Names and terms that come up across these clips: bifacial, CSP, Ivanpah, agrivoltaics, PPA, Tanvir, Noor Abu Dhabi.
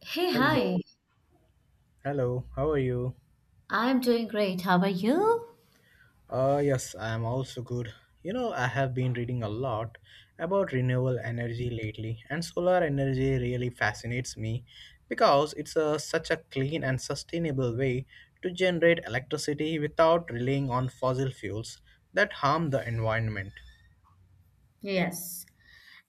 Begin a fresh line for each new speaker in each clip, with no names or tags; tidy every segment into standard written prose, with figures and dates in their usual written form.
Hey, hi.
Hello. Hello. How are you?
I'm doing great. How are you?
Yes, I am also good. You know, I have been reading a lot about renewable energy lately, and solar energy really fascinates me because it's such a clean and sustainable way to generate electricity without relying on fossil fuels that harm the environment.
Yes,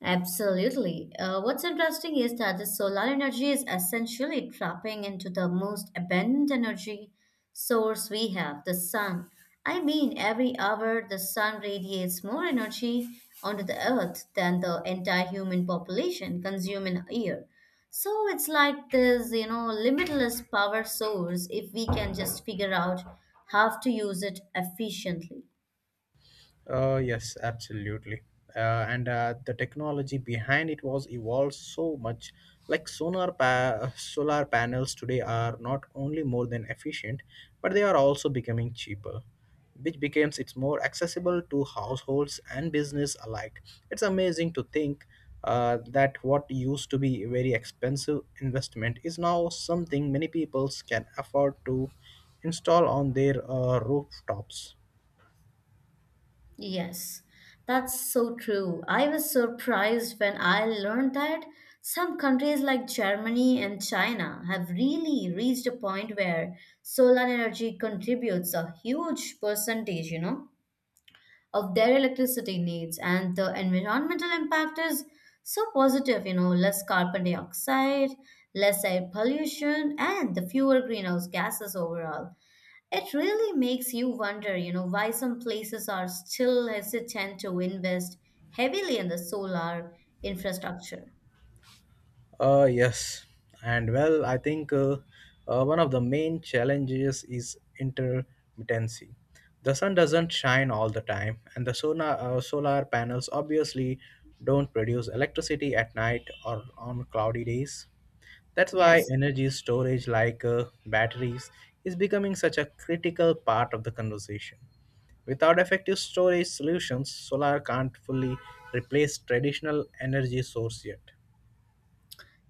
absolutely. What's interesting is that the solar energy is essentially tapping into the most abundant energy source we have, the sun. I mean, every hour the sun radiates more energy onto the earth than the entire human population consume in a year. So it's like this limitless power source if we can just figure out how to use it efficiently.
Yes, absolutely. And the technology behind it was evolved so much. Like solar panels today are not only more than efficient, but they are also becoming cheaper, which becomes it's more accessible to households and business alike. It's amazing to think that what used to be a very expensive investment is now something many peoples can afford to install on their rooftops.
Yes, that's so true. I was surprised when I learned that some countries like Germany and China have really reached a point where solar energy contributes a huge percentage of their electricity needs, and the environmental impact is so positive, less carbon dioxide, less air pollution, and the fewer greenhouse gases overall. It really makes you wonder why some places are still hesitant to invest heavily in the solar infrastructure.
Yes, and well, I think one of the main challenges is intermittency. The sun doesn't shine all the time, and the solar panels obviously don't produce electricity at night or on cloudy days. That's why
Yes.
energy storage, like batteries, is becoming such a critical part of the conversation. Without effective storage solutions, solar can't fully replace traditional energy source yet.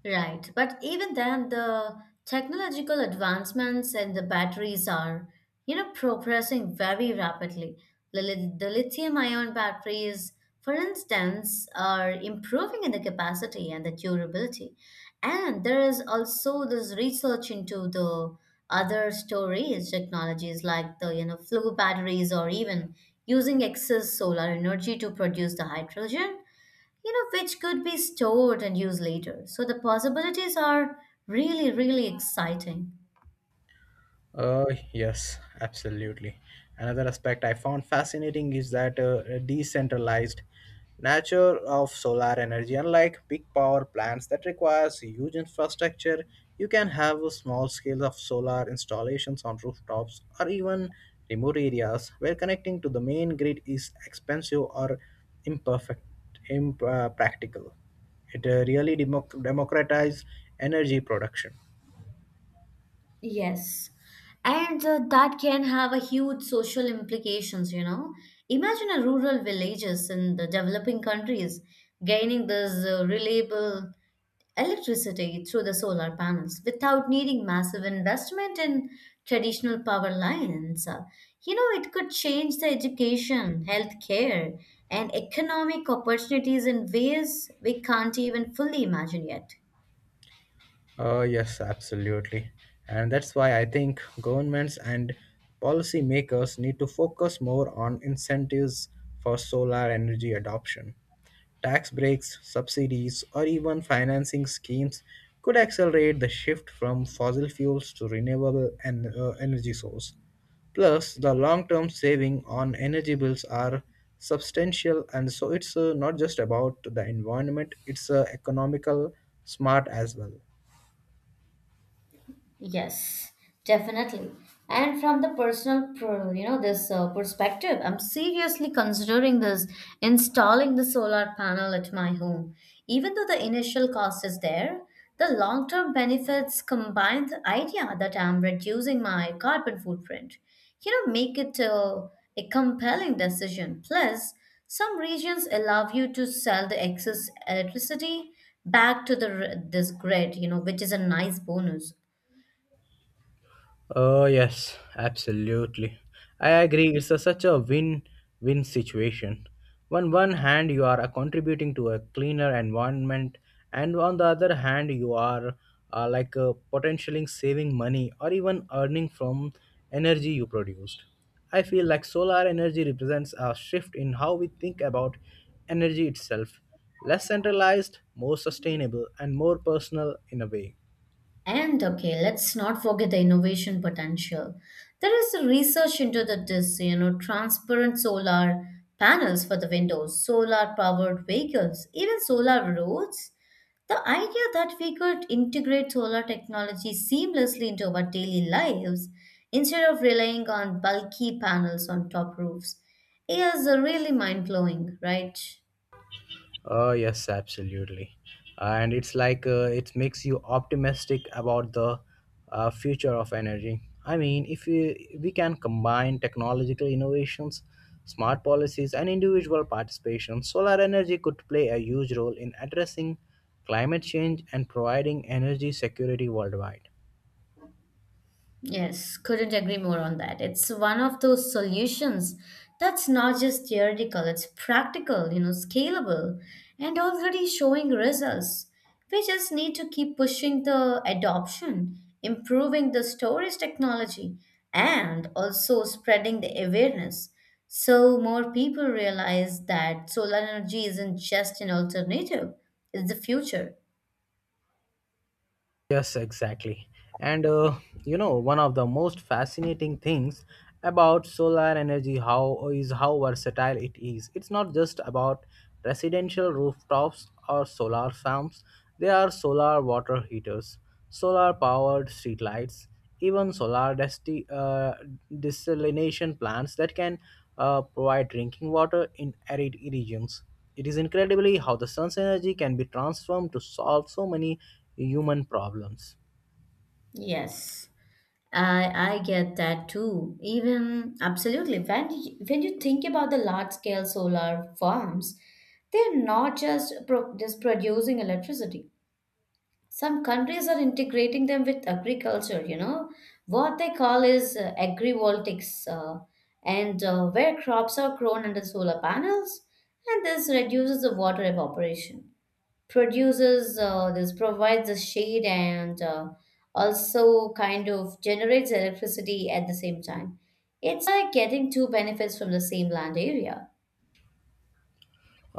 Right, but even then, the technological advancements and the batteries are progressing very rapidly. The lithium-ion batteries, for instance, are improving in the capacity and the durability. And there is also this research into the other storage technologies like the flow batteries or even using excess solar energy to produce the hydrogen, which could be stored and used later. So the possibilities are really, really exciting.
Uh, yes, absolutely. Another aspect I found fascinating is that decentralized nature of solar energy. Unlike big power plants that requires huge infrastructure, you can have a small scale of solar installations on rooftops or even remote areas where connecting to the main grid is expensive or imperfect, practical. It really democratizes energy production.
Yes. And that can have a huge social implications, you know. Imagine a rural villages in the developing countries gaining this reliable electricity through the solar panels without needing massive investment in traditional power lines. You know, it could change the education, healthcare, and economic opportunities in ways we can't even fully imagine yet.
Yes, absolutely. And that's why I think governments and policymakers need to focus more on incentives for solar energy adoption. Tax breaks, subsidies, or even financing schemes could accelerate the shift from fossil fuels to renewable and energy source. Plus, the long-term saving on energy bills are substantial, and so it's not just about the environment; it's economical smart as well.
Yes, definitely. And from the personal perspective, I'm seriously considering this installing the solar panel at my home. Even though the initial cost is there, the long-term benefits combine the idea that I'm reducing my carbon footprint. You know, make it a compelling decision. Plus, some regions allow you to sell the excess electricity back to this grid, which is a nice bonus.
Oh, yes, absolutely. I agree. It's such a win win situation. On one hand, you are contributing to a cleaner environment, and on the other hand, you are potentially saving money or even earning from energy you produced. I feel like solar energy represents a shift in how we think about energy itself less centralized, more sustainable, and more personal in a way.
And okay, let's not forget the innovation potential. There is a research into the this, you know, transparent solar panels for the windows, solar powered vehicles, even solar roads. The idea that we could integrate solar technology seamlessly into our daily lives instead of relying on bulky panels on top roofs is really mind blowing, right?
Oh, yes, absolutely. And it's like it makes you optimistic about the future of energy. I mean, if we, we can combine technological innovations, smart policies, and individual participation, solar energy could play a huge role in addressing climate change and providing energy security worldwide.
Yes, couldn't agree more on that. It's one of those solutions that's not just theoretical, it's practical, scalable, and already showing results. We just need to keep pushing the adoption, improving the storage technology, and also spreading the awareness so more people realize that solar energy isn't just an alternative, it's the future.
Yes, exactly. And you know, one of the most fascinating things about solar energy how is how versatile it is. It's not just about residential rooftops or solar farms. They are solar water heaters solar powered streetlights, even solar desalination plants that can provide drinking water in arid regions. It is incredibly how the sun's energy can be transformed to solve so many human problems.
Yes. I get that too. Even absolutely when you think about the large scale solar farms, they're not just producing electricity. Some countries are integrating them with agriculture. You know what they call is agrivoltaics, and where crops are grown under solar panels, and this reduces the water evaporation produces this provides the shade and also kind of generates electricity at the same time. It's like getting two benefits from the same land area.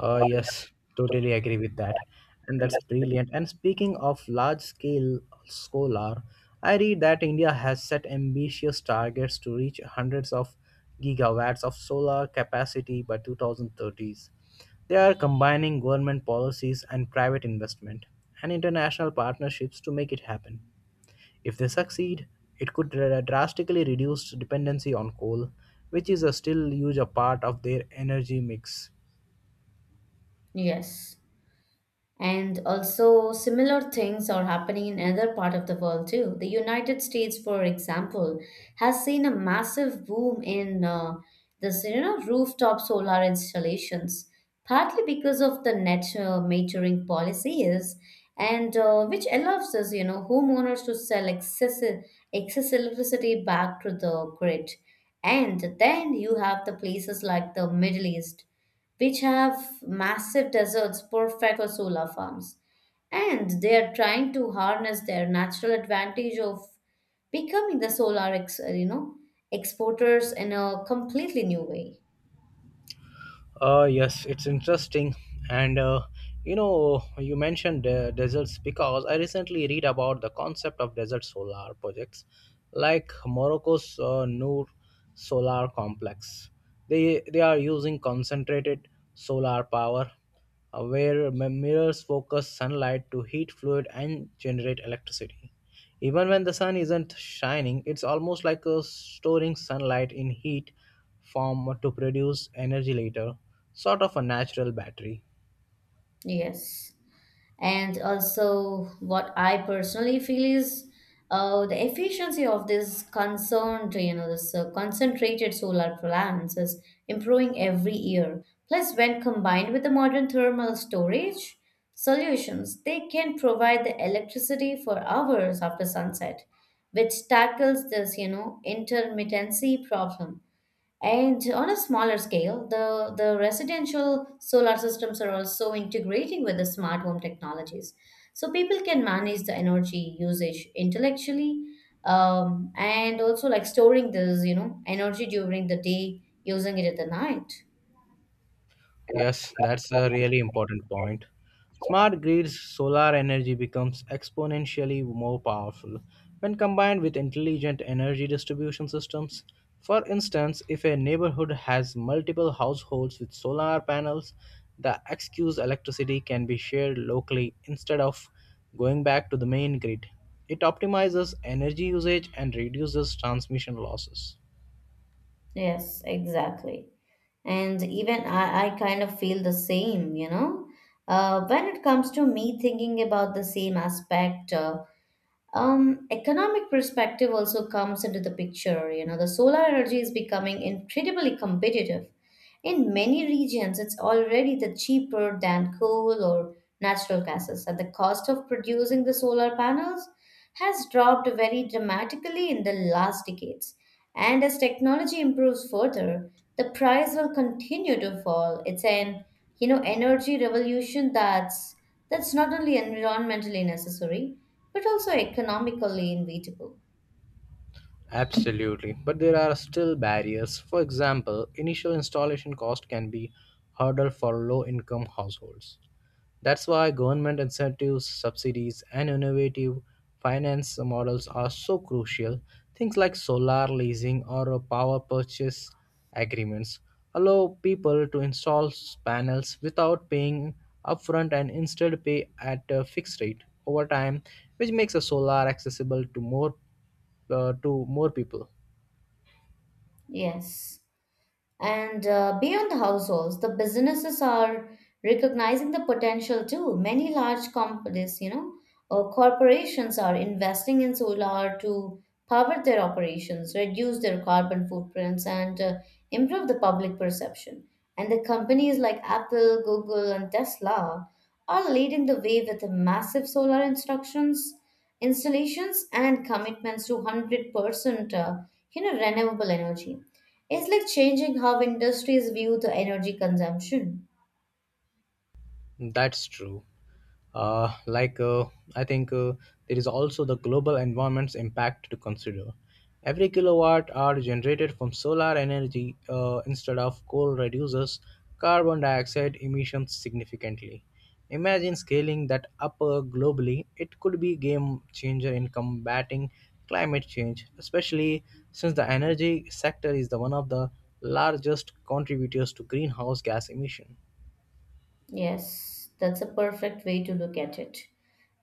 Yes, totally agree with that. And that's brilliant. And speaking of large scale solar, I read that India has set ambitious targets to reach hundreds of gigawatts of solar capacity by 2030s. They are combining government policies and private investment and international partnerships to make it happen. If they succeed, it could drastically reduce dependency on coal, which is a still huge a part of their energy mix.
Yes. And also, similar things are happening in other part of the world too. The United States, for example, has seen a massive boom in rooftop solar installations, partly because of the net metering policies, and which allows us homeowners to sell excess electricity back to the grid. And then you have the places like the Middle East which have massive deserts perfect for solar farms. And they are trying to harness their natural advantage of becoming the solar exporters in a completely new way.
Yes, it's interesting. And you know, you mentioned deserts because I recently read about the concept of desert solar projects, like Morocco's Noor Solar Complex. They are using concentrated solar power, where mirrors focus sunlight to heat fluid and generate electricity. Even when the sun isn't shining, it's almost like storing sunlight in heat form to produce energy later, sort of a natural battery.
Yes. And also, what I personally feel is the efficiency of this concerned you know this concentrated solar plants is improving every year. Plus, when combined with the modern thermal storage solutions, they can provide the electricity for hours after sunset, which tackles this intermittency problem. And on a smaller scale, the residential solar systems are also integrating with the smart home technologies. So people can manage the energy usage intellectually and also like storing this energy during the day, using it at the night.
Yes, that's a really important point. Smart grids, solar energy becomes exponentially more powerful when combined with intelligent energy distribution systems. For instance, if a neighborhood has multiple households with solar panels, the excess electricity can be shared locally instead of going back to the main grid. It optimizes energy usage and reduces transmission losses.
Yes, exactly. And even I kind of feel the same. When it comes to me thinking about the same aspect, economic perspective also comes into the picture. You know, the solar energy is becoming incredibly competitive. In many regions, it's already the cheaper than coal or natural gases, and the cost of producing the solar panels has dropped very dramatically in the last decades. And as technology improves further, the price will continue to fall. It's an energy revolution that's not only environmentally necessary but also economically inevitable.
Absolutely, but there are still barriers. For example, initial installation cost can be hurdle for low-income households. That's why government incentives, subsidies, and innovative finance models are so crucial. Things like solar leasing or power purchase agreements allow people to install panels without paying upfront and instead pay at a fixed rate over time, which makes a solar accessible to more to more people.
Yes. And beyond the households, the businesses are recognizing the potential too. Many large companies, or corporations are investing in solar to power their operations, reduce their carbon footprints, and improve the public perception. And the companies like Apple, Google, and Tesla are leading the way with massive solar instructions, installations, and commitments to 100% renewable energy. It's like changing how industries view the energy consumption.
That's true. Like, I think there is also the global environment's impact to consider. Every kilowatt hour generated from solar energy instead of coal reduces carbon dioxide emissions significantly. Imagine scaling that up globally, it could be game changer in combating climate change, especially since the energy sector is the one of the largest contributors to greenhouse gas emission.
Yes, that's a perfect way to look at it.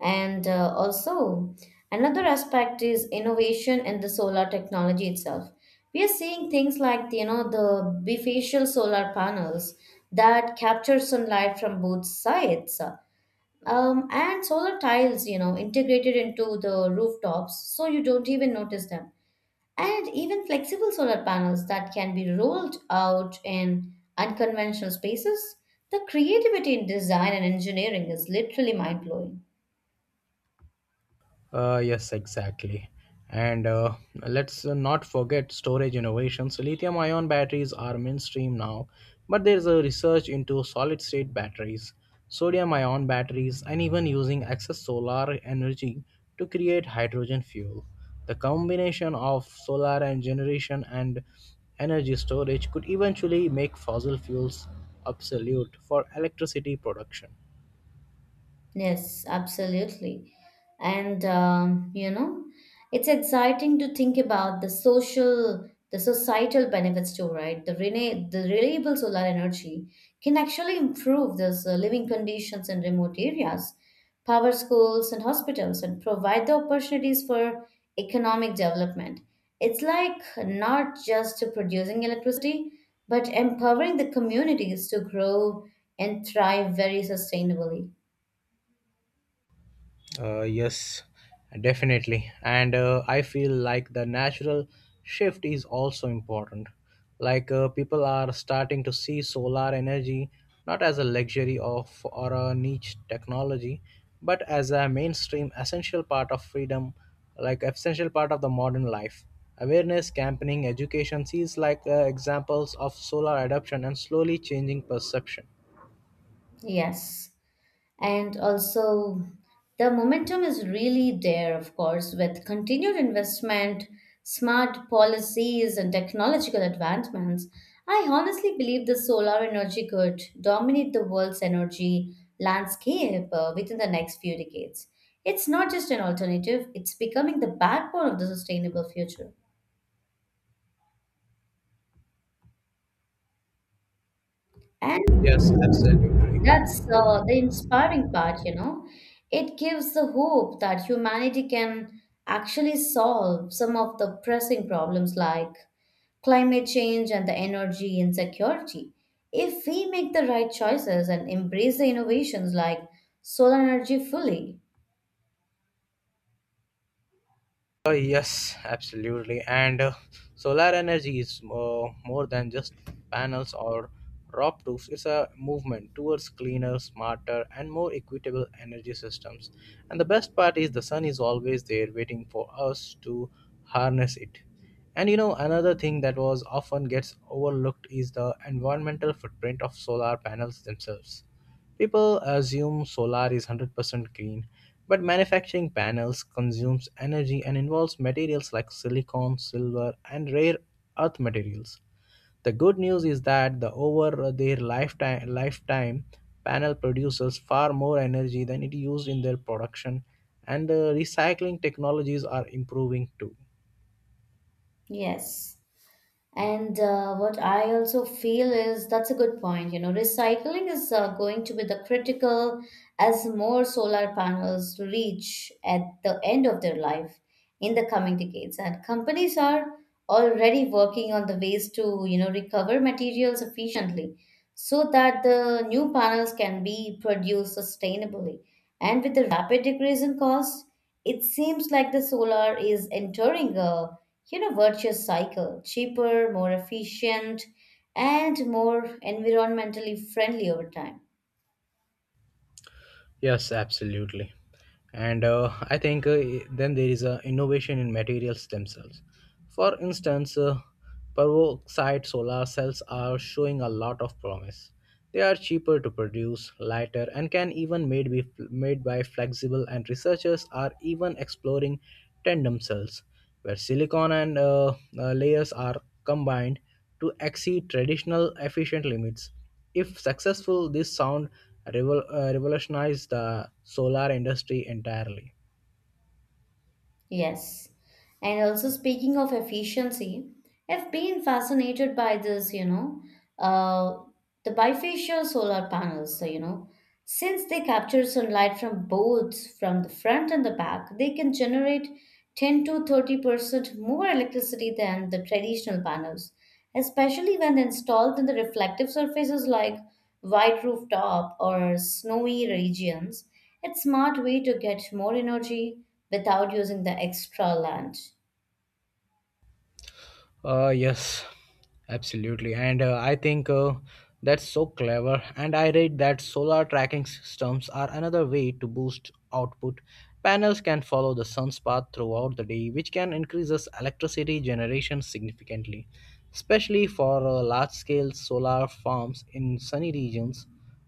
And also, another aspect is innovation in the solar technology itself. We are seeing things like the bifacial solar panels that capture sunlight from both sides, and solar tiles integrated into the rooftops, so you don't even notice them. And even flexible solar panels that can be rolled out in unconventional spaces. The creativity in design and engineering is literally mind blowing.
Yes, exactly. And let's not forget storage innovations. Lithium ion batteries are mainstream now, but there's a research into solid state batteries, sodium ion batteries, and even using excess solar energy to create hydrogen fuel. The combination of solar and generation and energy storage could eventually make fossil fuels obsolete for electricity production.
Yes, absolutely. And it's exciting to think about the societal benefits too, right? The renewable solar energy can actually improve those living conditions in remote areas, power schools and hospitals, and provide the opportunities for economic development. It's like not just producing electricity, but empowering the communities to grow and thrive very sustainably.
Yes, definitely. And I feel like the natural shift is also important. Like people are starting to see solar energy not as a luxury of or a niche technology, but as a mainstream essential part of freedom, like essential part of the modern life. Awareness, campaigning, education sees like examples of solar adoption and slowly changing perception.
Yes, and also the momentum is really there, of course, with continued investment, smart policies, and technological advancements. I honestly believe the solar energy could dominate the world's energy landscape within the next few decades. It's not just an alternative, it's becoming the backbone of the sustainable future. And
Yes, absolutely.
That's uh, the inspiring part, you know. It gives the hope that humanity can actually solve some of the pressing problems like climate change and the energy insecurity. If we make the right choices and embrace the innovations like solar energy fully.
Yes, absolutely. And solar energy is more than just panels or roofs. It's a movement towards cleaner, smarter, and more equitable energy systems. And the best part is the sun is always there waiting for us to harness it. And you know, another thing that was often gets overlooked is the environmental footprint of solar panels themselves. People assume solar is 100% green, but manufacturing panels consumes energy and involves materials like silicon, silver, and rare earth materials. The good news is that the over their lifetime panel produces far more energy than it used in their production and the recycling technologies are improving too.
Yes. And what I also feel is that's a good point. You know, recycling is going to be the critical as more solar panels reach at the end of their life in the coming decades. And companies are already working on the ways to recover materials efficiently so that the new panels can be produced sustainably. And with the rapid decrease in cost, it seems like the solar is entering a virtuous cycle, cheaper, more efficient, and more environmentally friendly over time.
Yes, absolutely. And I think then there is a innovation in materials themselves. For instance, peroxide solar cells are showing a lot of promise. They are cheaper to produce, lighter, and can even made be made by flexible. And researchers are even exploring tandem cells where silicon and layers are combined to exceed traditional efficient limits. If successful, this sound revolutionized the solar industry entirely.
Yes. And also speaking of efficiency, I've been fascinated by this, you know. Uh, the bifacial solar panels, so, since they capture sunlight from both from the front and the back, they can generate 10 to 30% more electricity than the traditional panels, especially when installed in the reflective surfaces like white rooftop or snowy regions. It's smart way to get more energy without using the extra land.
Yes, absolutely. And I think that's so clever. And I read that solar tracking systems are another way to boost output. Panels can follow the sun's path throughout the day, which can increase us electricity generation significantly, especially for large scale solar farms in sunny regions.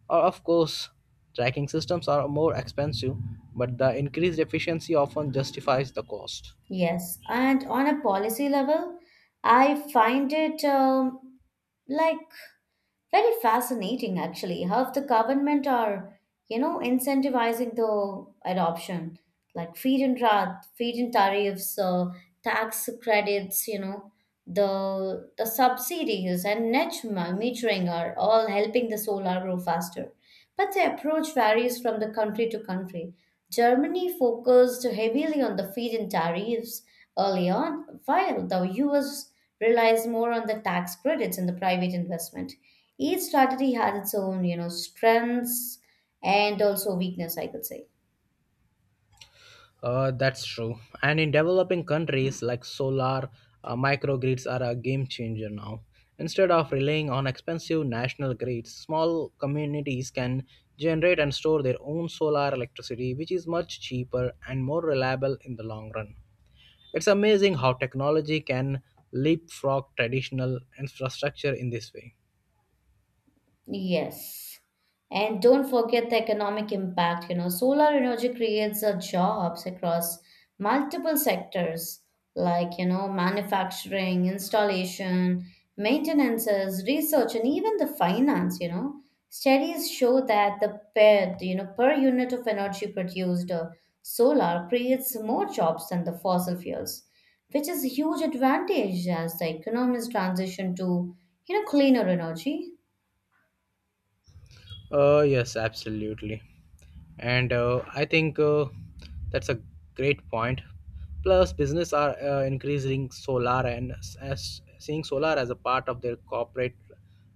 Or, of course, tracking systems are more expensive, but the increased efficiency often justifies the cost.
Yes, and on a policy level, I find it like very fascinating actually how the government are incentivizing the adoption like feed-in tariffs, tax credits, the subsidies and net metering are all helping the solar grow faster. But the approach varies from the country to country. Germany focused heavily on the feed-in tariffs early on, while the US relies more on the tax credits and the private investment. Each strategy had its own strengths and also weakness, I could say.
That's true. And in developing countries, like solar microgrids are a game changer now. Instead of relying on expensive national grids, small communities can generate and store their own solar electricity, which is much cheaper and more reliable in the long run. It's amazing how technology can leapfrog traditional infrastructure in this way.
Yes. And don't forget the economic impact. You know, solar energy creates jobs across multiple sectors like manufacturing, installation, maintenances, research, and even the finance. Studies show that the per unit of energy produced solar creates more jobs than the fossil fuels, which is a huge advantage as the economies transition to cleaner energy.
Yes, absolutely. And I think that's a great point. Plus, business are increasing solar and as seeing solar as a part of their corporate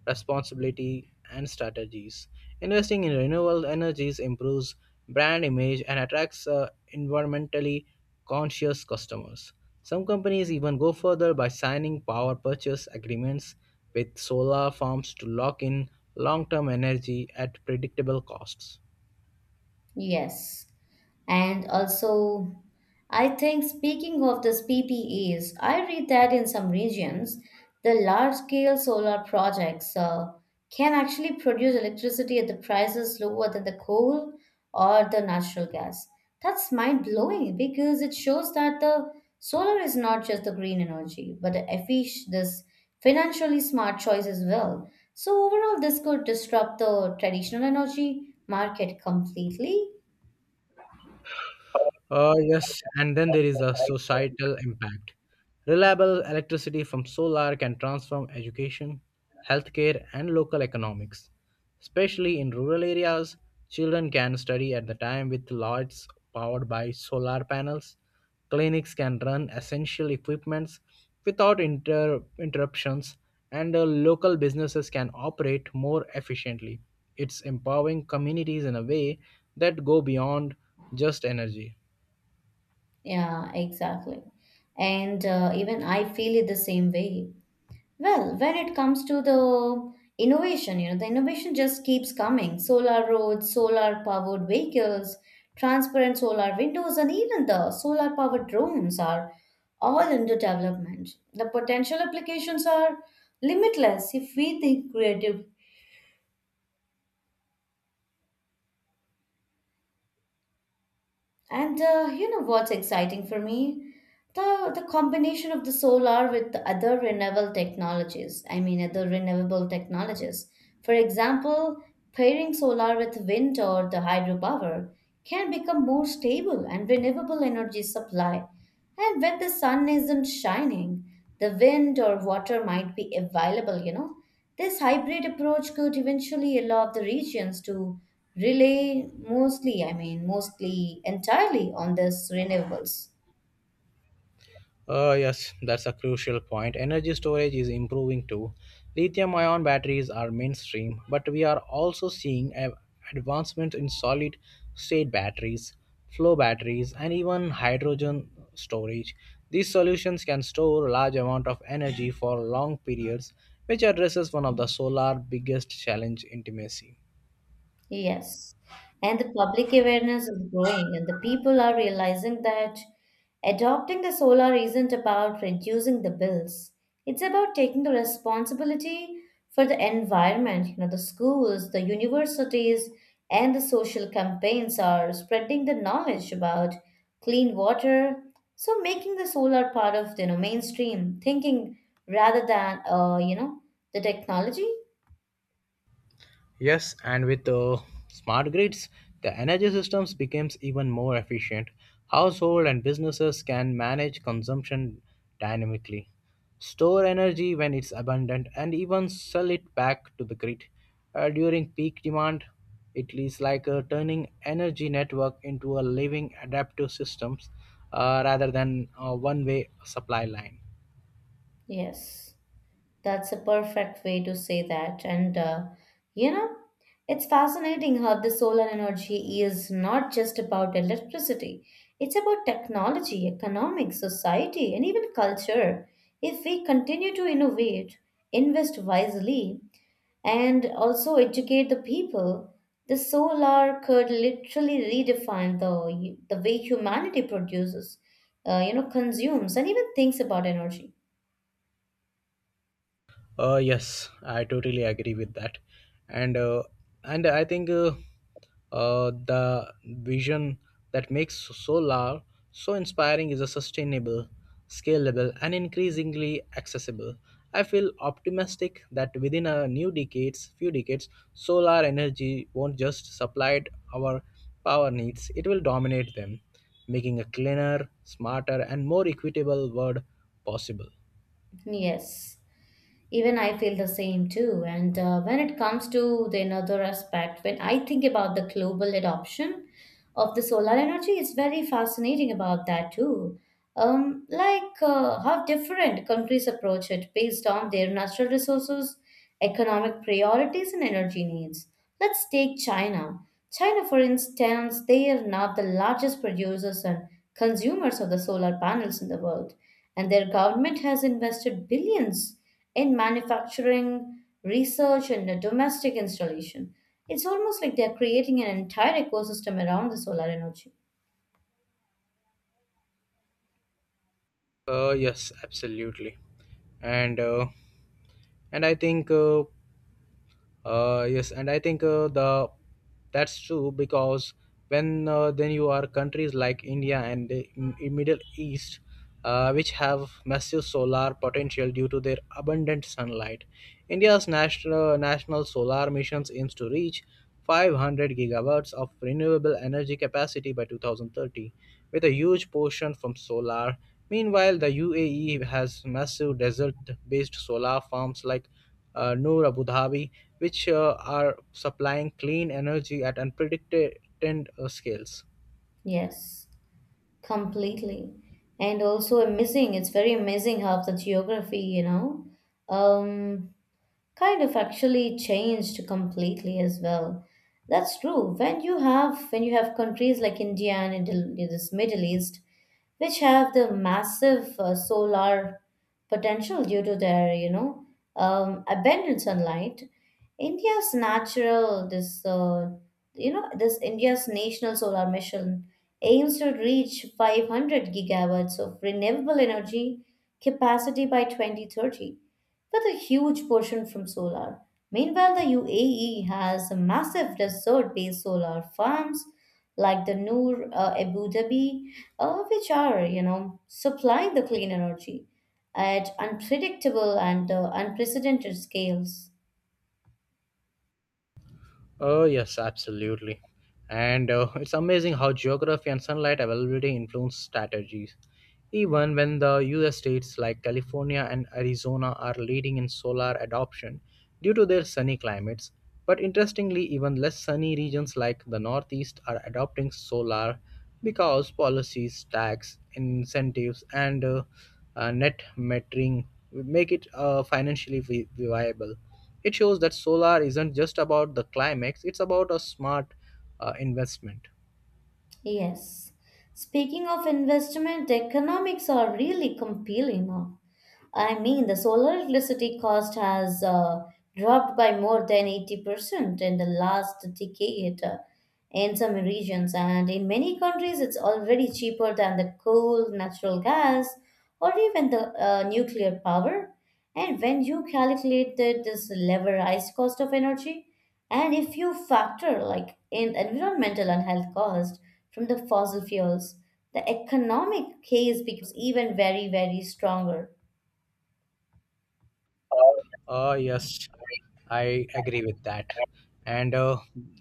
responsibility and strategies. Investing in renewable energies improves brand image and attracts environmentally conscious customers. Some companies even go further by signing power purchase agreements with solar farms to lock in long term energy at predictable costs.
Yes. And also, I think speaking of this PPAs, I read that in some regions, the large-scale solar projects can actually produce electricity at the prices lower than the coal or the natural gas. That's mind-blowing because it shows that the solar is not just the green energy, but a efficient, this financially smart choice as well. So overall, this could disrupt the traditional energy market completely.
Yes, and then there is a societal impact. Reliable electricity from solar can transform education, healthcare, and local economics. Especially in rural areas, children can study at the time with lights powered by solar panels. Clinics can run essential equipments without interruptions, and local businesses can operate more efficiently. It's empowering communities in a way that go beyond just energy.
Yeah, exactly. And even I feel it the same way. Well, when it comes to the innovation, you know, the innovation just keeps coming. Solar roads, solar powered vehicles, transparent solar windows, and even the solar powered drones are all under development. The potential applications are limitless if we think creative. And you know what's exciting for me? The combination of the solar with the other renewable technologies. I mean, other renewable technologies. For example, pairing solar with wind or the hydropower can become more stable and renewable energy supply. And when the sun isn't shining, the wind or water might be available, you know. This hybrid approach could eventually allow the regions to rely mostly, I mean, mostly entirely on this renewables.
Yes, that's a crucial point. Energy storage is improving too. Lithium ion batteries are mainstream, but we are also seeing advancements in solid state batteries, flow batteries, and even hydrogen storage. These solutions can store large amount of energy for long periods, which addresses one of the solar biggest challenge intimacy.
Yes. And the public awareness is growing, and the people are realizing that adopting the solar isn't about reducing the bills. It's about taking the responsibility for the environment. You know, the schools, the universities, and the social campaigns are spreading the knowledge about clean water. So making the solar part of, you know, mainstream thinking rather than, you know, the technology.
Yes, and with smart grids, the energy systems becomes even more efficient. Household and businesses can manage consumption dynamically, store energy when it's abundant, and even sell it back to the grid during peak demand. It is like turning energy network into a living adaptive systems rather than a one-way supply line.
Yes. That's a perfect way to say that. And you know, it's fascinating how the solar energy is not just about electricity, it's about technology, economics, society, and even culture. If we continue to innovate, invest wisely, and also educate the people, the solar could literally redefine the way humanity produces, you know, consumes, and even thinks about energy.
Yes, I totally agree with that, and uh, and I think the vision that makes solar so inspiring is a sustainable, scalable, and increasingly accessible. I feel optimistic that within few decades, solar energy won't just supply our power needs; it will dominate them, making a cleaner, smarter, and more equitable world possible.
Yes. Even I feel the same too. And when it comes to the another aspect, when I think about the global adoption of the solar energy, it's very fascinating about that too, how different countries approach it based on their natural resources, economic priorities, and energy needs. Let's take China. China, for instance, they are not the largest producers and consumers of the solar panels in the world, and their government has invested billions in manufacturing, research, and domestic installation. It's almost like they're creating an entire ecosystem around the solar energy.
Yes, absolutely, and uh, and I think yes and I think the that's true because when then you are countries like india and the middle east which have massive solar potential due to their abundant sunlight. India's national solar missions aims to reach 500 gigawatts of renewable energy capacity by 2030, with a huge portion from solar. Meanwhile, the UAE has massive desert based solar farms like Noor Abu Dhabi, which are supplying clean energy at unprecedented scales.
Yes. Completely. And also amazing. It's very amazing how the geography, you know, um, kind of actually changed completely as well. That's true. When you have countries like India and this Middle East, which have the massive solar potential due to their, you know, abundant sunlight. India's natural this you know this India's national solar mission aims to reach 500 gigawatts of renewable energy capacity by 2030 with a huge portion from solar. Meanwhile, the UAE has massive desert based solar farms like the Noor Abu Dhabi, which are, you know, supplying the clean energy at unpredictable and unprecedented scales.
Oh, yes, absolutely. And it's amazing how geography and sunlight availability influence strategies. Even when the US states like California and Arizona are leading in solar adoption due to their sunny climates, but interestingly, even less sunny regions like the Northeast are adopting solar because policies, tax incentives, and net metering make it financially viable. It shows that solar isn't just about the climax, it's about a smart investment.
Yes. Speaking of investment, the economics are really compelling. I mean, the solar electricity cost has dropped by more than 80% in the last decade in some regions, and in many countries, it's already cheaper than the coal, natural gas, or even the nuclear power. And when you calculate this leverized cost of energy, and if you factor like in environmental and health cost from the fossil fuels, the economic case becomes even very, very stronger.
Yes, I agree with that. And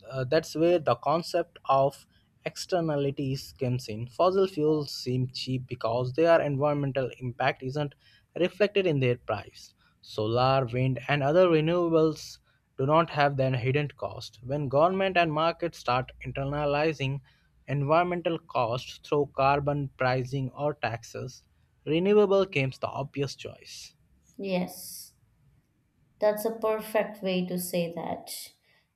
That's where the concept of externalities comes in. Fossil fuels seem cheap because their environmental impact isn't reflected in their price. Solar, wind, and other renewables do not have that hidden cost. When government and markets start internalizing environmental costs through carbon pricing or taxes, renewable becomes the obvious choice.
Yes. That's a perfect way to say that.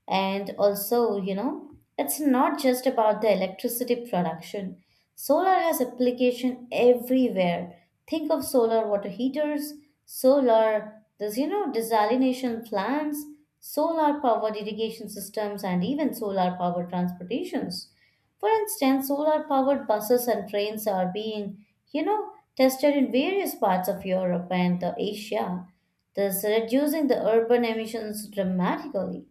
And also, you know, it's not just about the electricity production. Solar has application everywhere. Think of solar water heaters, you know, desalination plants, solar powered irrigation systems, and even solar powered transportations. For instance, solar powered buses and trains are being, you know, tested in various parts of Europe and Asia, thus reducing the urban emissions dramatically.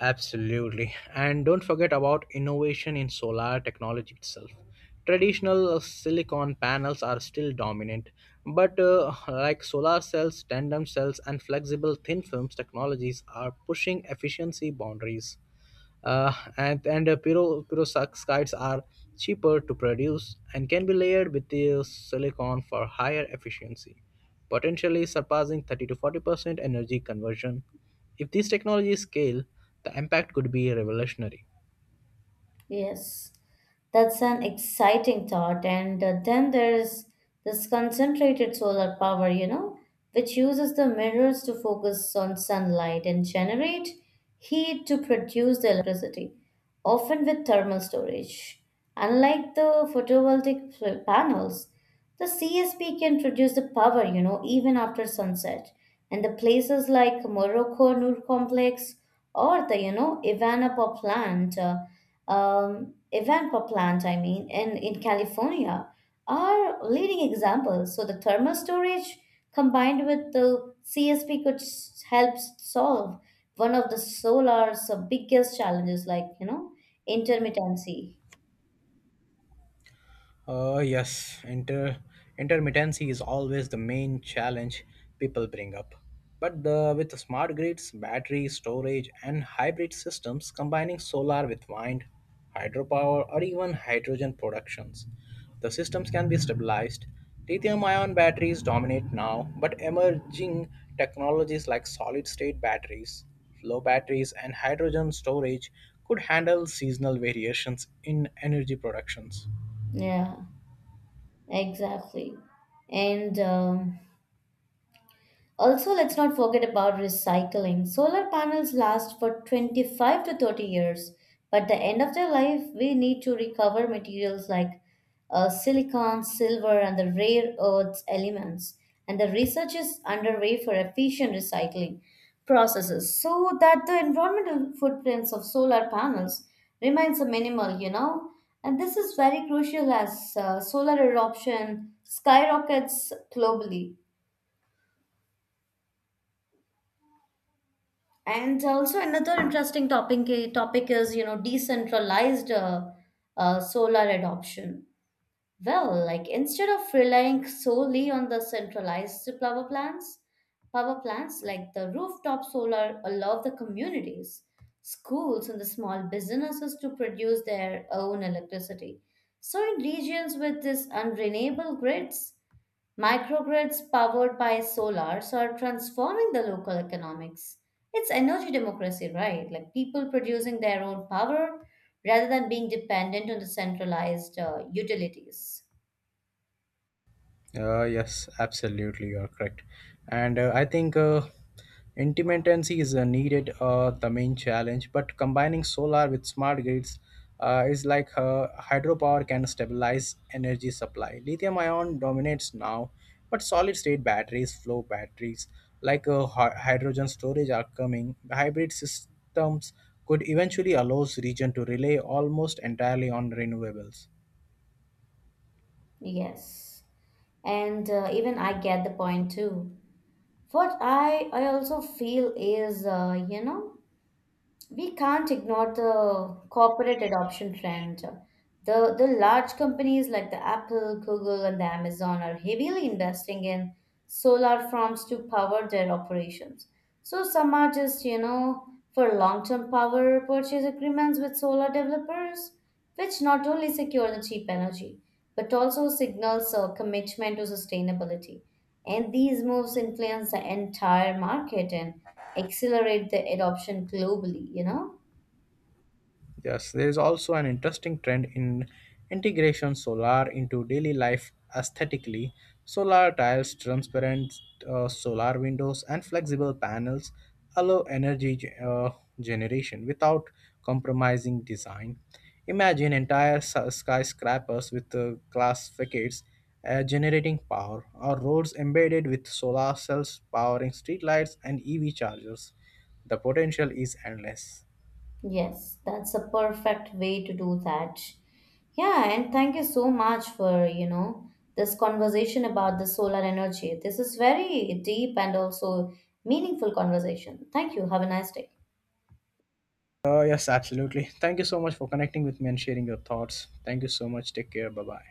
Absolutely. And don't forget about innovation in solar technology itself. Traditional silicon panels are still dominant, but like solar cells, tandem cells, and flexible thin films technologies are pushing efficiency boundaries and pyro perovskites are cheaper to produce and can be layered with the silicon for higher efficiency, potentially surpassing 30 to 40% energy conversion. If these technologies scale, the impact could be revolutionary.
Yes, that's an exciting thought. And then there's this concentrated solar power, you know, which uses the mirrors to focus on sunlight and generate heat to produce the electricity, often with thermal storage. Unlike the panels, the CSP can produce the power, you know, even after sunset. And the places like Morocco Noor Complex or the, you know, Ivanpah plant, I mean, in California are leading examples. So the thermal storage combined with the CSP could help solve one of the solar's biggest challenges, like, you know, intermittency.
Uh, yes, inter- intermittency is always the main challenge people bring up. But with smart grids, battery storage, and hybrid systems combining solar with wind, hydropower, or even hydrogen productions, the systems can be stabilized. Lithium ion batteries dominate now, but emerging technologies like solid state batteries, flow batteries, and hydrogen storage could handle seasonal variations in energy productions.
Yeah, exactly. And, also, let's not forget about recycling. Solar panels last for 25 to 30 years, but at the end of their life, we need to recover materials like silicon, silver, and the rare earths elements. And the research is underway for efficient recycling processes so that the environmental footprints of solar panels remains a minimal, you know. And this is very crucial as solar eruption skyrockets globally. And also another interesting topic is, you know, decentralized solar adoption. Well, like instead of relying solely on the centralized power plants like the rooftop solar allow the communities, schools, and the small businesses to produce their own electricity. So in regions with these unrenewable grids, microgrids powered by solars are transforming the local economics. It's energy democracy, right? Like people producing their own power rather than being dependent on the centralized utilities.
Yes, absolutely, you are correct. And I think Intermittency is needed, the main challenge. But combining solar with smart grids is like hydropower can stabilize energy supply. Lithium ion dominates now, but solid state batteries, flow batteries, like hydrogen storage are coming. Hybrid systems could eventually allow region to rely almost entirely on renewables.
Yes. And even I get the point too. What I also feel is, you know, we can't ignore the corporate adoption trend. The large companies like the Apple, Google, and the Amazon are heavily investing in solar farms to power their operations. So some are just, you know, for long-term power purchase agreements with solar developers, which not only secure the cheap energy, but also signals a commitment to sustainability. And these moves influence the entire market and accelerate the adoption globally, you know?
Yes, there is also an interesting trend in integration solar into daily life aesthetically. Solar tiles, transparent solar windows, and flexible panels allow generation without compromising design. Imagine entire skyscrapers with glass facades generating power, or roads embedded with solar cells powering streetlights and EV chargers. The potential is endless.
Yes, that's a perfect way to do that. Yeah, and thank you so much for, you know, this conversation about the solar energy. This is very deep and also meaningful conversation. Thank you. Have a nice day.
Yes, absolutely. Thank you so much for connecting with me and sharing your thoughts. Thank you so much. Take care. Bye bye.